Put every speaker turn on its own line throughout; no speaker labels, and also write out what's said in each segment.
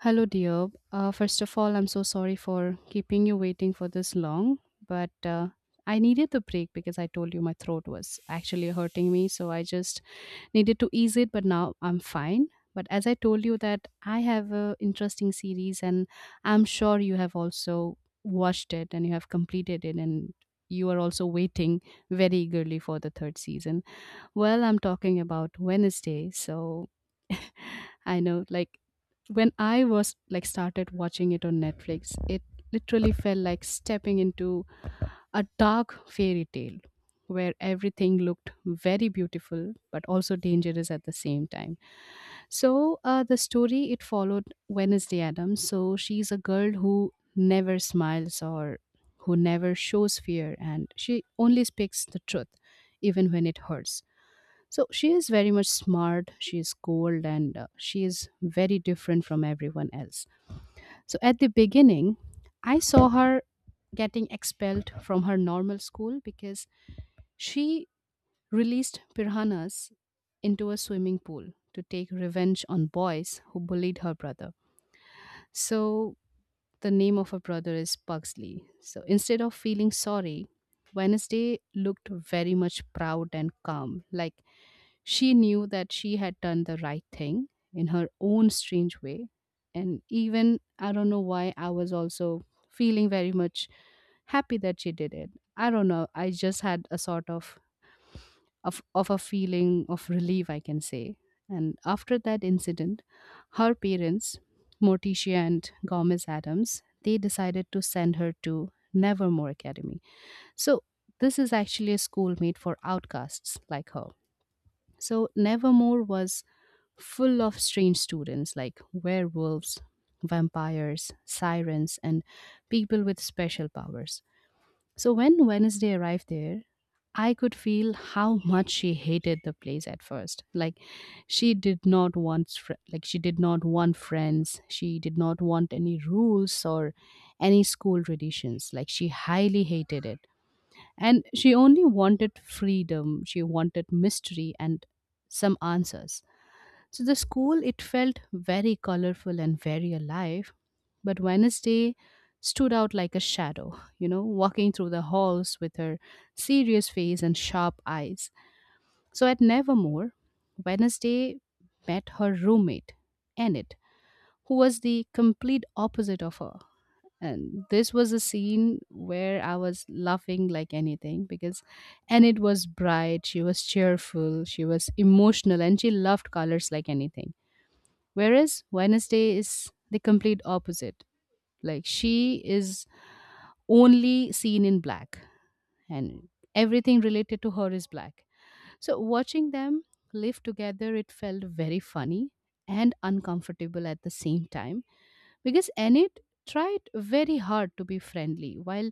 Hello, dear. First of all, I'm so sorry for keeping you waiting for this long, but I needed the break because I told you my throat was actually hurting me. So I just needed to ease it, but now I'm fine. But as I told you that I have a interesting series, and I'm sure you have also watched it and you have completed it, and you are also waiting very eagerly for the third season. Well, I'm talking about Wednesday, so I know, like when I was like started watching it on Netflix, it literally felt like stepping into a dark fairy tale where everything looked very beautiful but also dangerous at the same time. So the story it followed Wednesday Adams. So she's a girl who never smiles or who never shows fear, and she only speaks the truth, even when it hurts. So she is very much smart, she is cold, and she is very different from everyone else. So at the beginning, I saw her getting expelled from her normal school because she released piranhas into a swimming pool to take revenge on boys who bullied her brother. So the name of her brother is Pugsley. So instead of feeling sorry, Wednesday looked very much proud and calm, like she knew that she had done the right thing in her own strange way. And even I don't know why I was also feeling very much happy that she did it. I don't know. I just had a sort of of a feeling of relief, I can say. And after that incident, her parents, Morticia and Gomez Adams, they decided to send her to Nevermore Academy. So this is actually a school made for outcasts like her. So Nevermore was full of strange students like werewolves, vampires, sirens, and people with special powers. So when Wednesday arrived there, I could feel how much she hated the place at first. Like she did not want fr- like she did not want friends. She did not want any rules or any school traditions. Like she highly hated it. And she only wanted freedom. She wanted mystery and some answers. So the school, it felt very colorful and very alive, but Wednesday stood out like a shadow, you know, walking through the halls with her serious face and sharp eyes. So at Nevermore, Wednesday met her roommate, Enid, who was the complete opposite of her. And this was a scene where I was laughing like anything because Enid was bright, she was cheerful, she was emotional, and she loved colors like anything. Whereas Wednesday is the complete opposite. Like she is only seen in black and everything related to her is black. So watching them live together, it felt very funny and uncomfortable at the same time because Enid tried very hard to be friendly while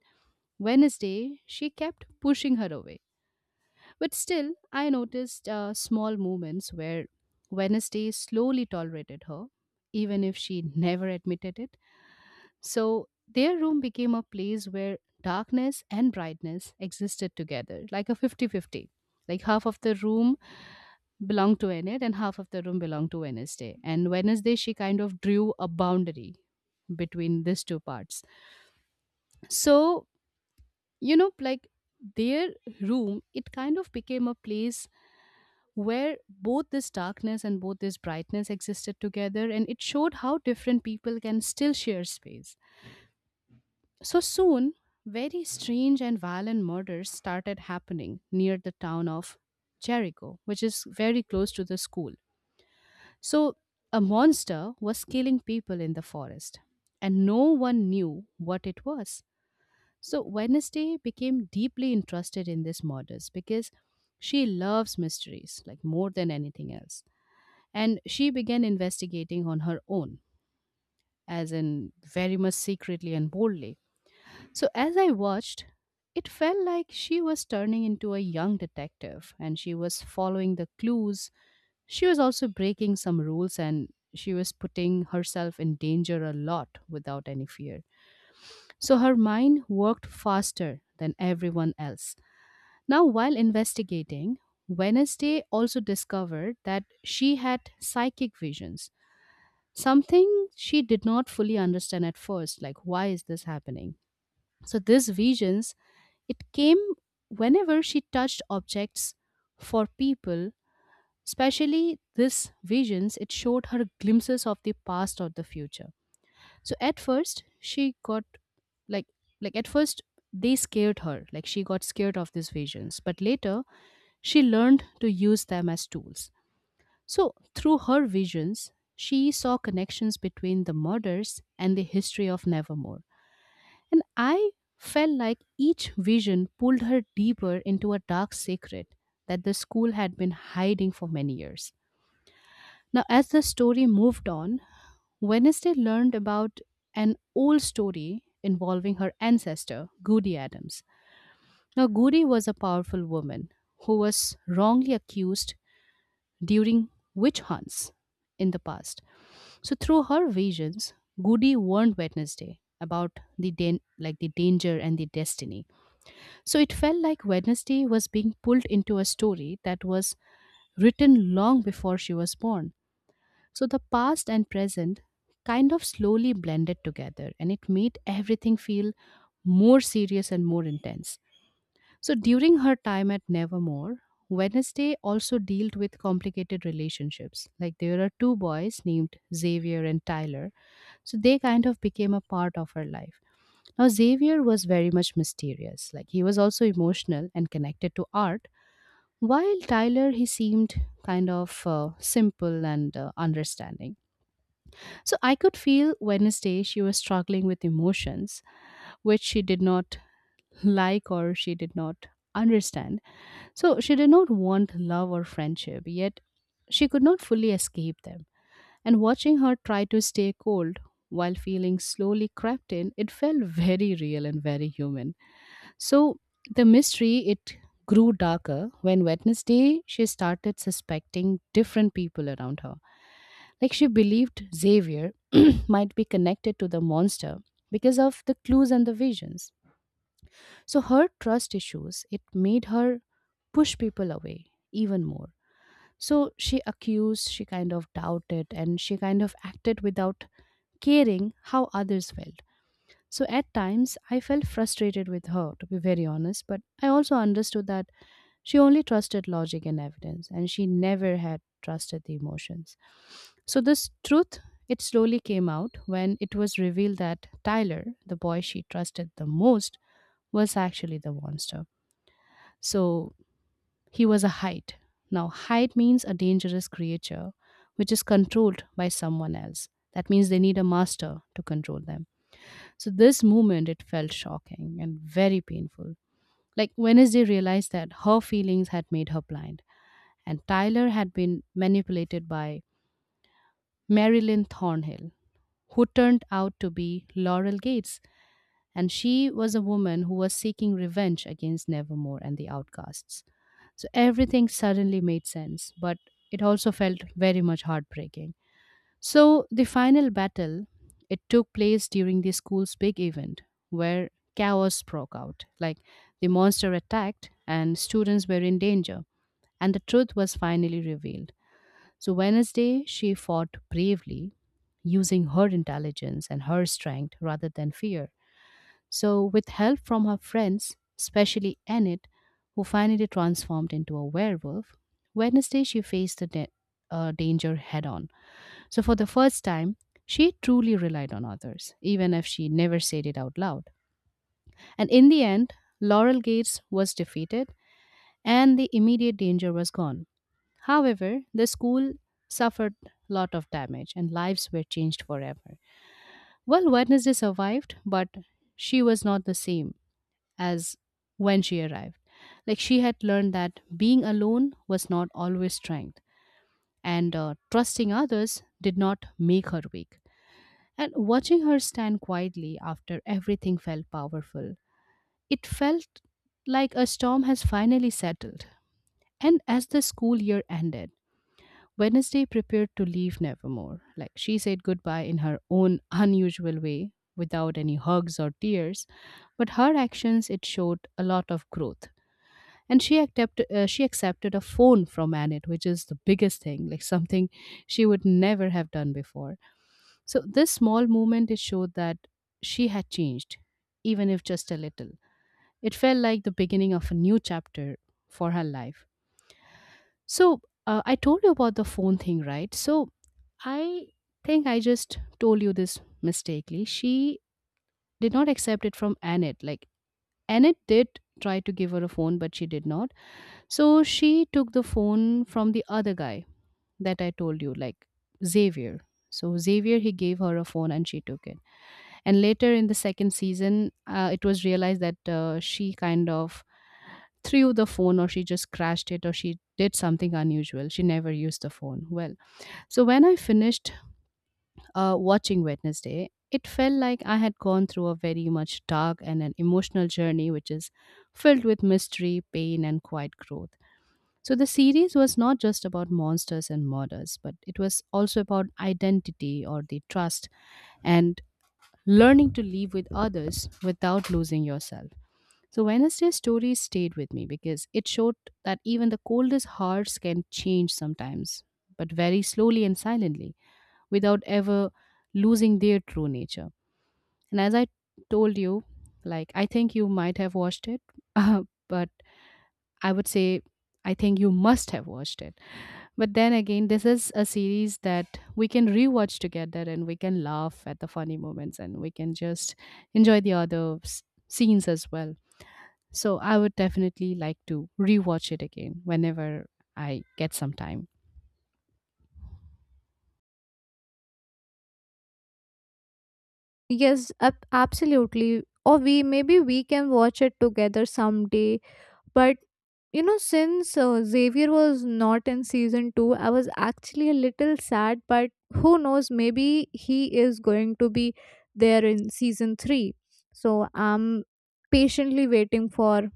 Wednesday she kept pushing her away. But still, I noticed small moments where Wednesday slowly tolerated her, even if she never admitted it. So their room became a place where darkness and brightness existed together, like a 50-50. Like half of the room belonged to Enid and half of the room belonged to Wednesday. And Wednesday, she kind of drew a boundary between these two parts. So, you know, like their room, it kind of became a place where both this darkness and both this brightness existed together. And it showed how different people can still share space. So soon, very strange and violent murders started happening near the town of Jericho, which is very close to the school. So, a monster was killing people in the forest, and no one knew what it was. So, Wednesday became deeply interested in these murders because she loves mysteries like more than anything else. And she began investigating on her own, as in very much secretly and boldly. So as I watched, it felt like she was turning into a young detective and she was following the clues. She was also breaking some rules and she was putting herself in danger a lot without any fear. So her mind worked faster than everyone else. Now, while investigating, Wednesday also discovered that she had psychic visions, something she did not fully understand at first. Like, why is this happening? So these visions, it came whenever she touched objects for people, especially these visions, it showed her glimpses of the past or the future. So at first she got like like at first they scared her, like she got scared of these visions, but later she learned to use them as tools. So through her visions, she saw connections between the murders and the history of Nevermore. And I felt like each vision pulled her deeper into a dark secret that the school had been hiding for many years. Now, as the story moved on, Wednesday learned about an old story involving her ancestor, Goody Adams. Now, Goody was a powerful woman who was wrongly accused during witch hunts in the past. So, through her visions, Goody warned Wednesday about like the danger and the destiny. So it felt like Wednesday was being pulled into a story that was written long before she was born. So the past and present kind of slowly blended together and it made everything feel more serious and more intense. So during her time at Nevermore, Wednesday also dealt with complicated relationships. Like there are two boys named Xavier and Tyler. So they kind of became a part of her life. Now, Xavier was very much mysterious. Like, he was also emotional and connected to art, while Tyler, he seemed kind of simple and understanding. So, I could feel Wednesday she was struggling with emotions which she did not like or she did not understand. So, she did not want love or friendship, yet, she could not fully escape them. And watching her try to stay cold while feeling slowly crept in, it felt very real and very human. So the mystery it grew darker when Wednesday she started suspecting different people around her. Like she believed Xavier might be connected to the monster because of the clues and the visions. So her trust issues it made her push people away even more. So she accused, she kind of doubted, and she kind of acted without caring how others felt. So at times, I felt frustrated with her, to be very honest, but I also understood that she only trusted logic and evidence, and she never had trusted the emotions. So this truth, it slowly came out when it was revealed that Tyler, the boy she trusted the most, was actually the monster. So he was a Hyde. Now, Hyde means a dangerous creature which is controlled by someone else. That means they need a master to control them. So this moment it felt shocking and very painful. Like Wednesday realized that her feelings had made her blind, and Tyler had been manipulated by Marilyn Thornhill, who turned out to be Laurel Gates, and she was a woman who was seeking revenge against Nevermore and the Outcasts. So everything suddenly made sense, but it also felt very much heartbreaking. So, the final battle, it took place during the school's big event where chaos broke out. Like the monster attacked and students were in danger and the truth was finally revealed. So, Wednesday, she fought bravely using her intelligence and her strength rather than fear. So, with help from her friends, especially Annette, who finally transformed into a werewolf, Wednesday she faced the danger head on. So, for the first time, she truly relied on others, even if she never said it out loud. And in the end, Laurel Gates was defeated and the immediate danger was gone. However, the school suffered a lot of damage and lives were changed forever. Well, Wednesday survived, but she was not the same as when she arrived. Like she had learned that being alone was not always strength, and trusting others did not make her weak. And watching her stand quietly after everything felt powerful. It felt like a storm has finally settled. And as the school year ended, Wednesday prepared to leave Nevermore. Like she said goodbye in her own unusual way, without any hugs or tears, but her actions it showed a lot of growth and she accepted a phone from Annette, which is the biggest thing, like something she would never have done before. So this small movement it showed that she had changed, even if just a little. It felt like the beginning of a new chapter for her life. So I told you about the phone thing, right? So I think I just told you this mistakenly. She did not accept it from Annette. Like Annette did try to give her a phone, but she did not. So she took the phone from the other guy that I told you, like Xavier. So Xavier, he gave her a phone and she took it. And later in the second season, it was realized that she kind of threw the phone or she just crashed it or she did something unusual. She never used the phone. Well, so when I finished watching Wednesday, it felt like I had gone through a very much dark and an emotional journey, which is filled with mystery, pain, and quiet growth. So the series was not just about monsters and murders, but it was also about identity or the trust and learning to live with others without losing yourself. So Wednesday's story stayed with me because it showed that even the coldest hearts can change sometimes, but very slowly and silently, without ever losing their true nature. And as I told you, like I think you might have watched it, but I would say I think you must have watched it, but then again, this is a series that we can rewatch together and we can laugh at the funny moments and we can just enjoy the scenes as well. So I would definitely like to rewatch it again whenever I get some time.
Yes, absolutely. Or we maybe we can watch it together someday. But you know, since Xavier was not in season 2, I was actually a little sad. But who knows? Maybe he is going to be there in season 3. So I'm patiently waiting for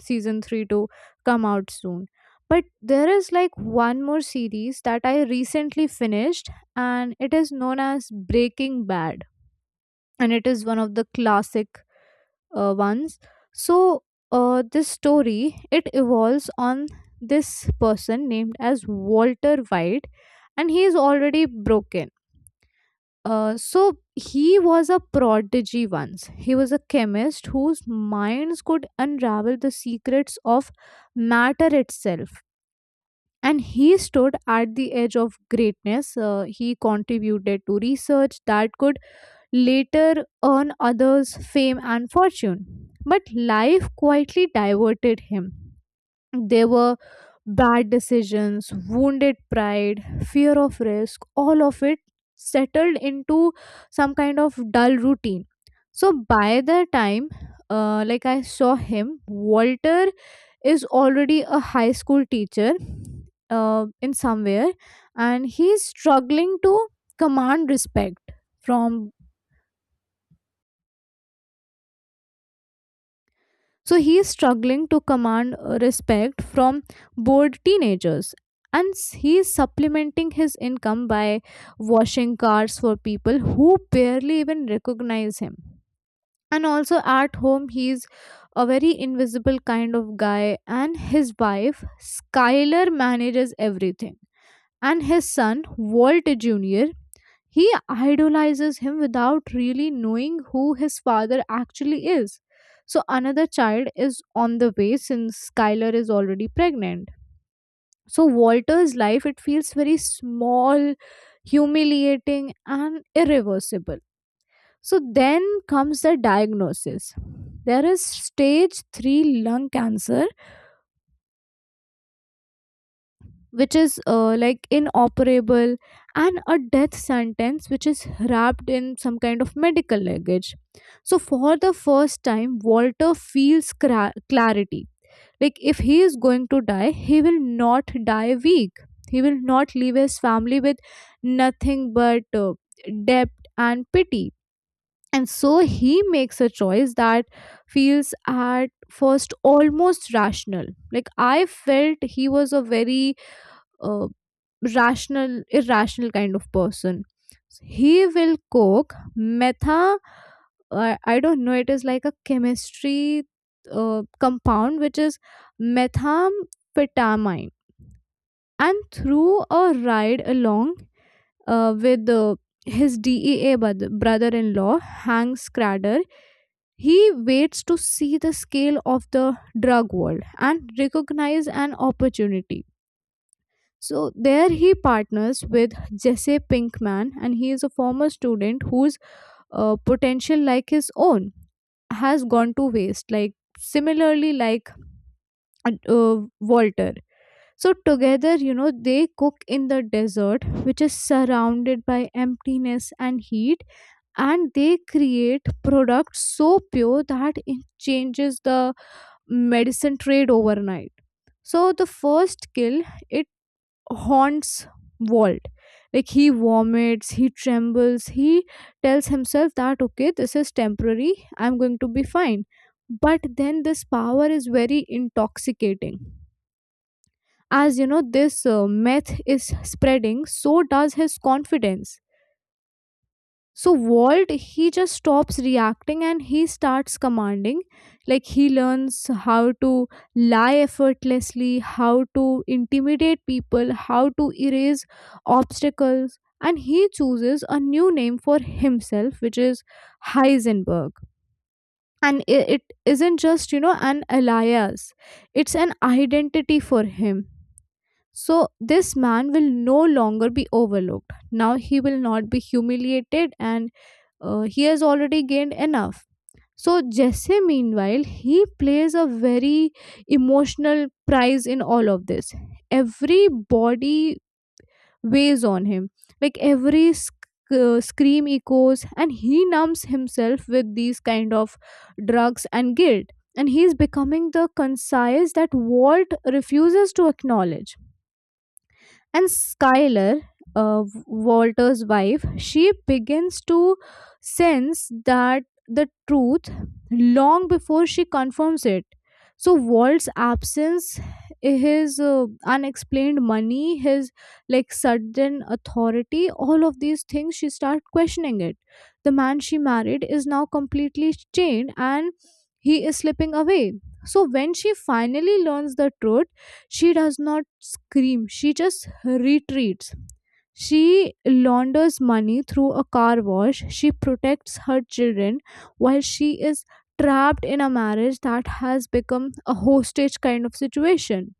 season 3 to come out soon. But there is like one more series that I recently finished, and it is known as Breaking Bad, and it is one of the classic ones. So this story, it evolves on this person named as Walter White, and he is already broken. So he was a prodigy once. He was a chemist whose minds could unravel the secrets of matter itself, and he stood at the edge of greatness. He contributed to research that could later earn others fame and fortune. But life quietly diverted him. There were bad decisions, wounded pride, fear of risk, all of it settled into some kind of dull routine. So by the time, like I saw him, Walter is already a high school teacher in somewhere, and he's struggling to command respect from so he is struggling to command respect from bored teenagers. And he is supplementing his income by washing cars for people who barely even recognize him. And also at home, he's a very invisible kind of guy. And his wife, Skylar, manages everything. And his son, Walt Jr., he idolizes him without really knowing who his father actually is. So another child is on the way, since Skylar is already pregnant. So Walter's life, it feels very small, humiliating, and irreversible. So then comes the diagnosis. There is stage 3 lung cancer, which is like inoperable, and a death sentence which is wrapped in some kind of medical luggage. So for the first time, Walter feels clarity. Like, if he is going to die, he will not die weak. He will not leave his family with nothing but debt and pity. And so he makes a choice that feels at first almost rational. Like, I felt he was a very uh, rational irrational kind of person. He will cook metha I don't know, it is like a chemistry compound, which is methamphetamine. And through a ride along with his DEA brother-in-law Hank Scrader, he waits to see the scale of the drug world and recognize an opportunity. So there he partners with Jesse Pinkman, and he is a former student whose potential, like his own, has gone to waste. Like similarly, like Walter. So together, you know, they cook in the desert, which is surrounded by emptiness and heat, and they create products so pure that it changes the medicine trade overnight. So the first kill, it haunts Walt. Like, he vomits, he trembles, he tells himself that okay, this is temporary, I'm going to be fine. But then this power is very intoxicating. As you know, this myth is spreading, so does his confidence. So Walt, he just stops reacting and he starts commanding. Like, he learns how to lie effortlessly, how to intimidate people, how to erase obstacles. And he chooses a new name for himself, which is Heisenberg. And it isn't just, you know, an alias, it's an identity for him. So this man will no longer be overlooked. Now he will not be humiliated, and he has already gained enough. So Jesse, meanwhile, he plays a very emotional prize in all of this. Every body weighs on him, like every scream echoes, and he numbs himself with these kind of drugs and guilt. And he is becoming the concise that Walt refuses to acknowledge. And Skylar, Walter's wife, she begins to sense that the truth long before she confirms it. So Walt's absence, his unexplained money, his like sudden authority, all of these things, she start questioning it. The man she married is now completely chained, and he is slipping away. So when she finally learns the truth, she does not scream, she just retreats. She launders money through a car wash. She protects her children while she is trapped in a marriage that has become a hostage kind of situation.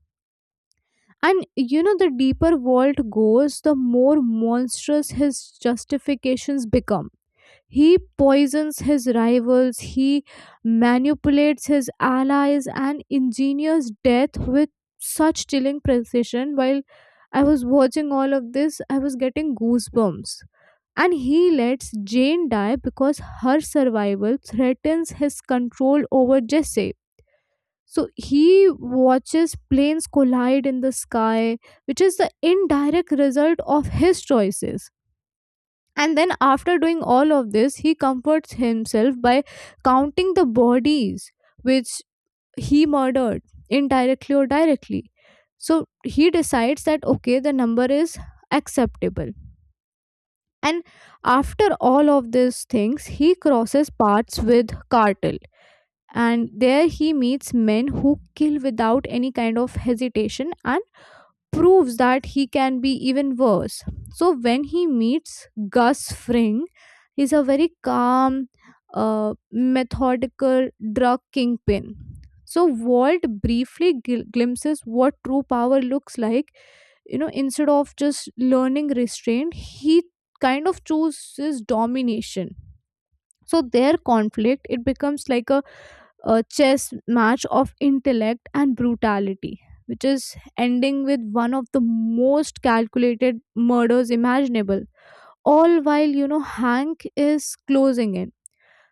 And you know, the deeper Walt goes, the more monstrous his justifications become. He poisons his rivals, he manipulates his allies, and engineers death with such chilling precision. While I was watching all of this, I was getting goosebumps. And he lets Jane die because her survival threatens his control over Jesse. So he watches planes collide in the sky, which is the indirect result of his choices. And then, after doing all of this, he comforts himself by counting the bodies which he murdered, indirectly or directly. So he decides that okay, the number is acceptable. And after all of these things, he crosses paths with Cartel. And there he meets men who kill without any kind of hesitation, and proves that he can be even worse. So when he meets Gus Fring, he's a very calm, methodical drug kingpin. So Walt briefly glimpses what true power looks like. You know, instead of just learning restraint, he kind of chooses domination. So their conflict, it becomes like a chess match of intellect and brutality, which is ending with one of the most calculated murders imaginable. All while, you know, Hank is closing in.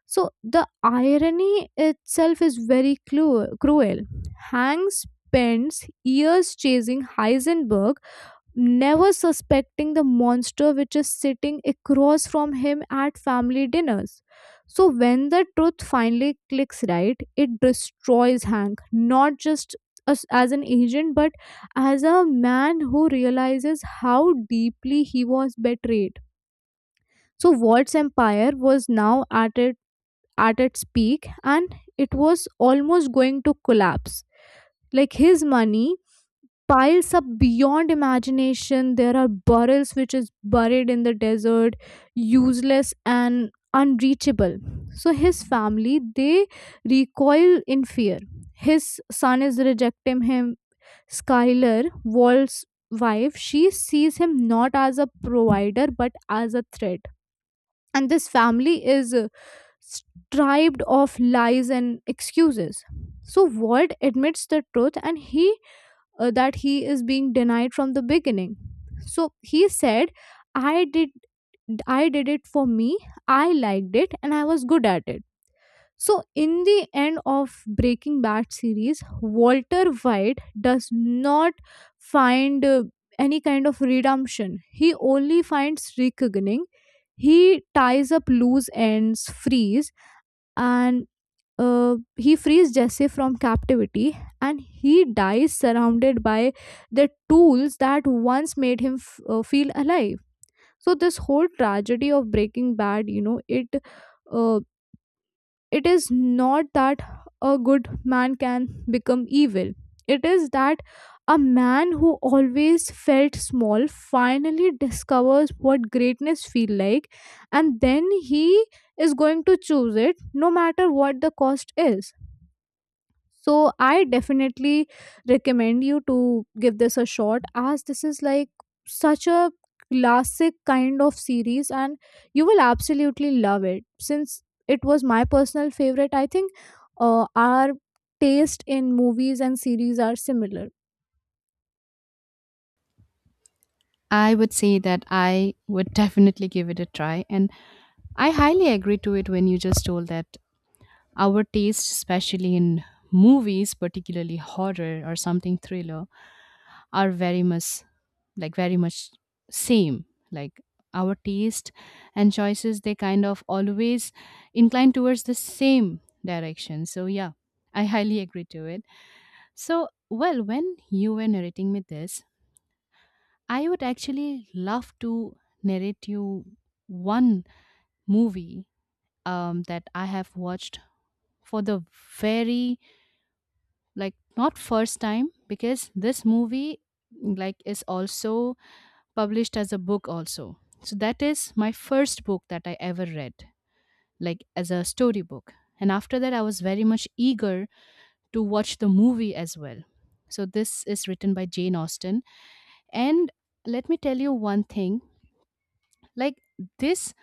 So the irony itself is very cruel. Hank spends years chasing Heisenberg, never suspecting the monster which is sitting across from him at family dinners. So when the truth finally clicks right, it destroys Hank, not just as an agent, but as a man who realizes how deeply he was betrayed. So Walt's empire was now at, at its peak, and it was almost going to collapse. Like, his money piles up beyond imagination. There are burrels which is buried in the desert, useless and unreachable. So his family, they recoil in fear. His son is rejecting him. Skylar, Walt's wife, she sees him not as a provider but as a threat. And this family is strived of lies and excuses. So Walt admits the truth, and he that he is being denied from the beginning. So he said, "I did, I did it for me. I liked it and I was good at it." So in the end of Breaking Bad series, Walter White does not find any kind of redemption. He only finds reckoning. He ties up loose ends, frees and he frees Jesse from captivity, and he dies surrounded by the tools that once made him feel alive. So this whole tragedy of Breaking Bad, you know, it uh, it is not that a good man can become evil. It is that a man who always felt small finally discovers what greatness feel like, and then he is going to choose it no matter what the cost is. So I definitely recommend you to give this a shot, as this is like such a classic kind of series, and you will absolutely love it. Since it was my personal favorite, I think our taste in movies and series are similar.
I would say that I would definitely give it a try. And I highly agree to it when you just told that our taste, especially in movies, particularly horror or something thriller, are very much like very much same, like our taste and choices, they kind of always incline towards the same direction. So yeah, I highly agree to it. So well, when you were narrating me this, I would actually love to narrate you one movie that I have watched for the very, like, not first time, because this movie, like, is also published as a book also. So that is my first book that I ever read, like as a storybook. And after that, I was very much eager to watch the movie as well. So this is written by Jane Austen. And let me tell you one thing, like this,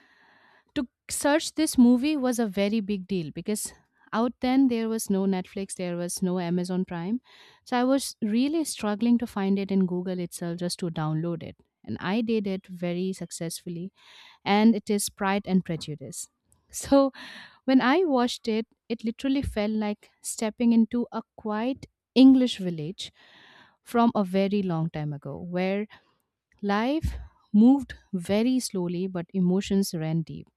to search this movie was a very big deal because out then there was no Netflix, there was no Amazon Prime. So I was really struggling to find it in Google itself just to download it. And I did it very successfully. And it is Pride and Prejudice. So when I watched it, it literally felt like stepping into a quiet English village from a very long time ago, where life moved very slowly but emotions ran deep.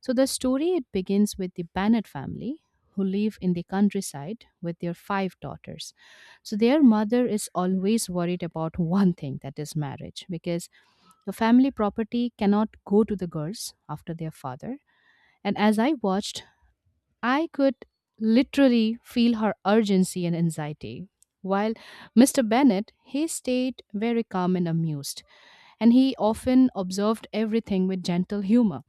So the story, it begins with the Bennett family who live in the countryside with their five daughters. So their mother is always worried about one thing, that is marriage, because the family property cannot go to the girls after their father. And as I watched, I could literally feel her urgency and anxiety. While Mr. Bennett, he stayed very calm and amused, and he often observed everything with gentle humor.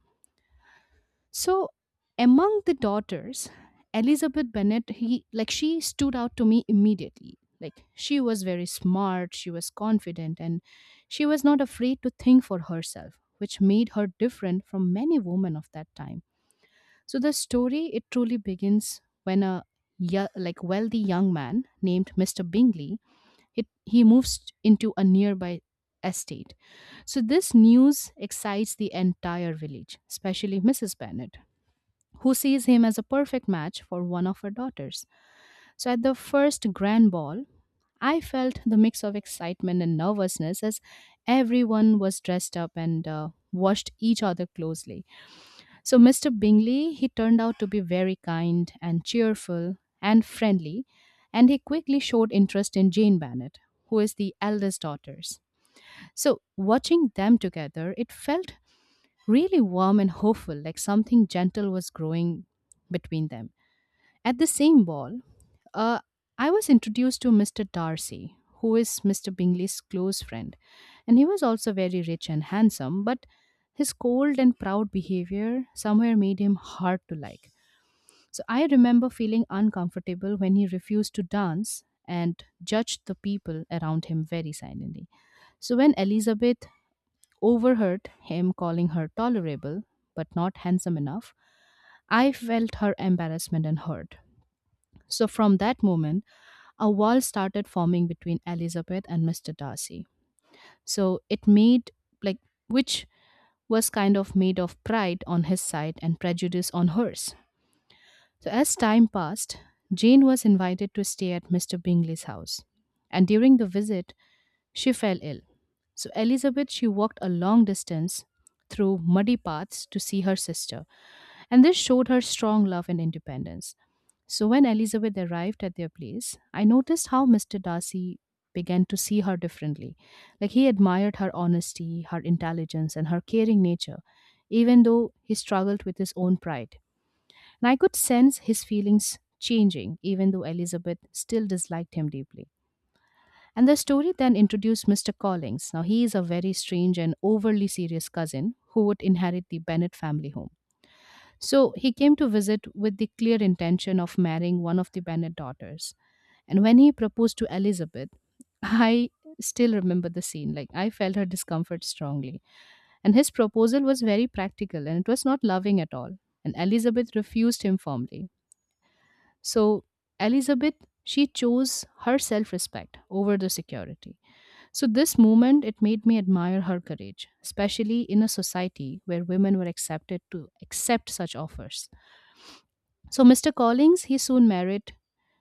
So, among the daughters, Elizabeth Bennet, he like she stood out to me immediately. Like she was very smart, she was confident, and she was not afraid to think for herself, which made her different from many women of that time. So the story, it truly begins when a like wealthy young man named Mr. Bingley, he moves into a nearby estate. So this news excites the entire village, especially Mrs. Bennet, who sees him as a perfect match for one of her daughters. So at the first grand ball, I felt the mix of excitement and nervousness as everyone was dressed up and watched each other closely. So, Mr. Bingley, he turned out to be very kind and cheerful and friendly, and he quickly showed interest in Jane Bennet, who is the eldest daughters. So, watching them together, it felt really warm and hopeful, like something gentle was growing between them. At the same ball, uh, I was introduced to Mr. Darcy, who is Mr. Bingley's close friend, and he was also very rich and handsome, but his cold and proud behavior somewhere made him hard to like. So I remember feeling uncomfortable when he refused to dance and judged the people around him very silently. So when Elizabeth overheard him calling her tolerable but not handsome enough, I felt her embarrassment and hurt. So from that moment, a wall started forming between Elizabeth and Mr. Darcy. So it made, like, which was kind of made of pride on his side and prejudice on hers. So as time passed, Jane was invited to stay at Mr. Bingley's house, and during the visit, she fell ill. So Elizabeth, she walked a long distance through muddy paths to see her sister, and this showed her strong love and independence. So when Elizabeth arrived at their place, I noticed how Mr. Darcy began to see her differently. Like he admired her honesty, her intelligence, and her caring nature, even though he struggled with his own pride. And I could sense his feelings changing, even though Elizabeth still disliked him deeply. And the story then introduced Mr. Collins. Now, he is a very strange and overly serious cousin who would inherit the Bennet family home. So he came to visit with the clear intention of marrying one of the Bennett daughters. And when he proposed to Elizabeth, I still remember the scene. Like I felt her discomfort strongly. And his proposal was very practical and it was not loving at all. And Elizabeth refused him firmly. So Elizabeth, she chose her self respect over the security. So this moment, it made me admire her courage, especially in a society where women were accepted to accept such offers. So, Mr. Collins, he soon married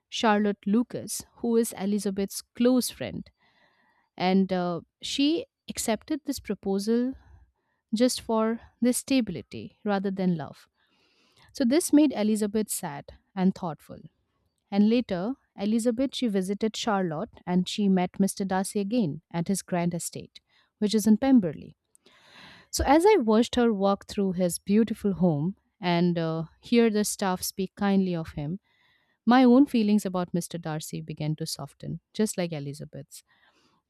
Charlotte Lucas, who is Elizabeth's close friend, and she accepted this proposal just for the stability rather than love. So, this made Elizabeth sad and thoughtful. And later, Elizabeth, she visited Charlotte and she met Mr. Darcy again at his grand estate, which is in Pemberley. So, as I watched her walk through his beautiful home and hear the staff speak kindly of him, my own feelings about Mr. Darcy began to soften, just like Elizabeth's,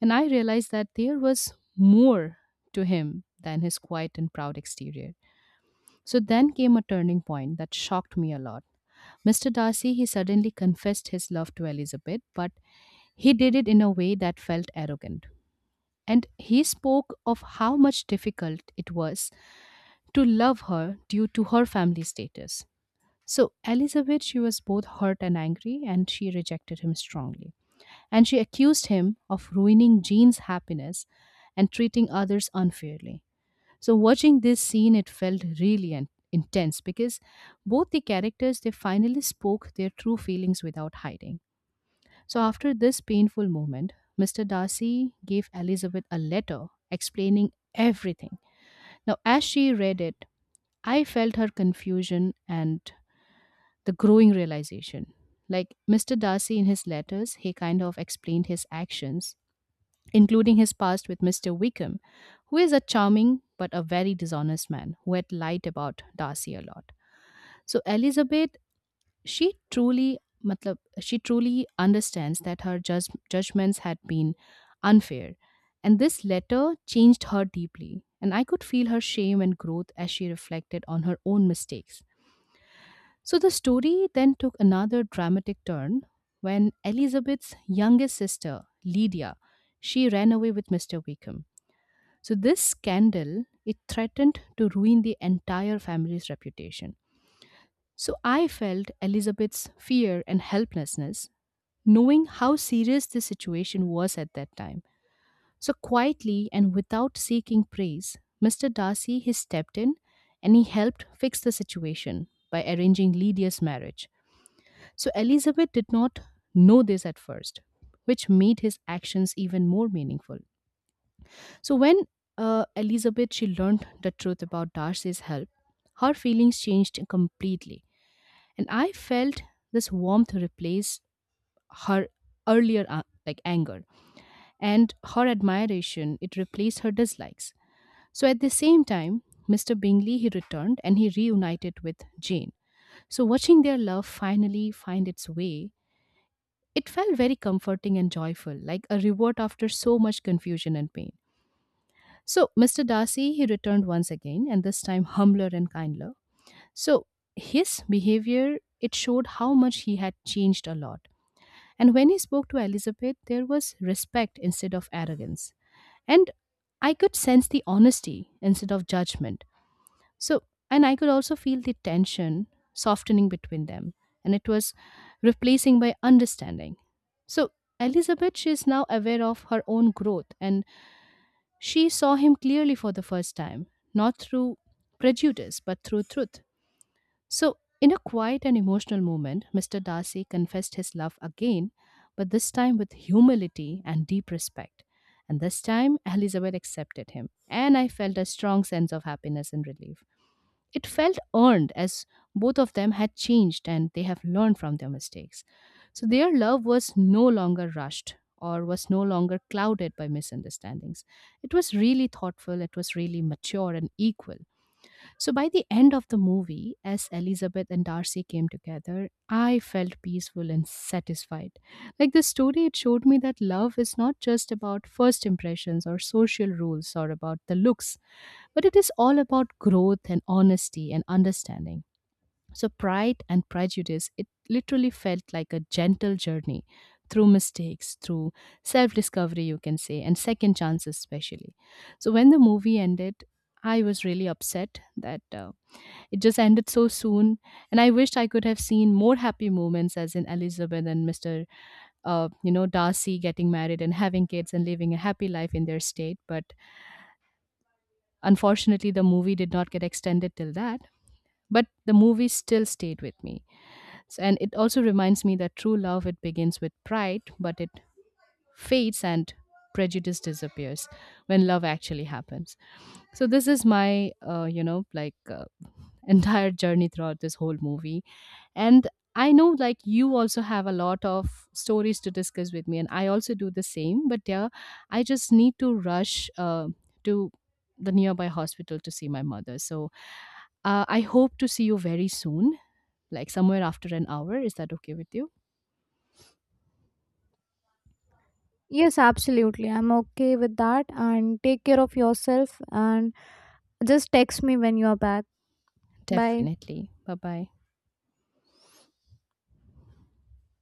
and I realized that there was more to him than his quiet and proud exterior. So then came a turning point that shocked me a lot. Mr. Darcy, he suddenly confessed his love to Elizabeth, but he did it in a way that felt arrogant. And he spoke of how much difficult it was to love her due to her family status. So, Elizabeth, she was both hurt and angry, and she rejected him strongly and she accused him of ruining Jean's happiness and treating others unfairly. So watching this scene, it felt really intense because both the characters, they finally spoke their true feelings without hiding. So after this painful moment, Mr. Darcy gave Elizabeth a letter explaining everything. Now, as she read it, I felt her confusion and the growing realization. Like Mr. Darcy in his letters, he kind of explained his actions including his past with Mr. Wickham, who is a charming but a very dishonest man who had lied about Darcy a lot. So Elizabeth, she truly, matlab, she truly understands that her judgments had been unfair, and this letter changed her deeply. And I could feel her shame and growth as she reflected on her own mistakes. So the story then took another dramatic turn when Elizabeth's youngest sister, Lydia, she ran away with Mr. Wickham. So this scandal, it threatened to ruin the entire family's reputation. So I felt Elizabeth's fear and helplessness, knowing how serious the situation was at that time. So quietly and without seeking praise, Mr. Darcy, he stepped in and he helped fix the situation by arranging Lydia's marriage. So Elizabeth did not know this at first, which made his actions even more meaningful. So when Elizabeth, she learned the truth about Darcy's help, her feelings changed completely, and I felt this warmth replaced her earlier like anger, and her admiration, it replaced her dislikes. So at the same time, Mr. Bingley, he returned and he reunited with Jane. So watching their love finally find its way, it felt very comforting and joyful, like a reward after so much confusion and pain. So, Mr. Darcy, he returned once again, and this time humbler and kinder. So, his behavior, it showed how much he had changed a lot. And when he spoke to Elizabeth, there was respect instead of arrogance. And I could sense the honesty instead of judgment. So, and I could also feel the tension softening between them. And it was replacing by understanding. So, Elizabeth, she is now aware of her own growth and she saw him clearly for the first time, not through prejudice, but through truth. So, in a quiet and emotional moment, Mr. Darcy confessed his love again, but this time with humility and deep respect. And this time, Elizabeth accepted him, and I felt a strong sense of happiness and relief. It felt earned as both of them had changed and they have learned from their mistakes. So their love was no longer rushed or was no longer clouded by misunderstandings. It was really thoughtful, it was really mature and equal. So by the end of the movie, as Elizabeth and Darcy came together, I felt peaceful and satisfied. Like the story, it showed me that love is not just about first impressions or social rules or about the looks, but it is all about growth and honesty and understanding. So Pride and Prejudice, it literally felt like a gentle journey through mistakes, through self discovery, you can say, and second chances, especially. So when the movie ended, I was really upset that it just ended so soon, and I wished I could have seen more happy moments, as in Elizabeth and Mr. You know, Darcy getting married and having kids and living a happy life in their state. But unfortunately, the movie did not get extended till that. But the movie still stayed with me. So, and it also reminds me that true love, it begins with pride, but it fades and prejudice disappears when love actually happens. So this is my, you know, like entire journey throughout this whole movie. And I know, like, you also have a lot of stories to discuss with me and I also do the same, but yeah, I just need to rush to the nearby hospital to see my mother. So I hope to see you very soon, like somewhere after an hour. Is that okay with you?
Yes, absolutely. I'm okay with that. And take care of yourself, and just text me when you're back. Bye.
Definitely. Bye bye.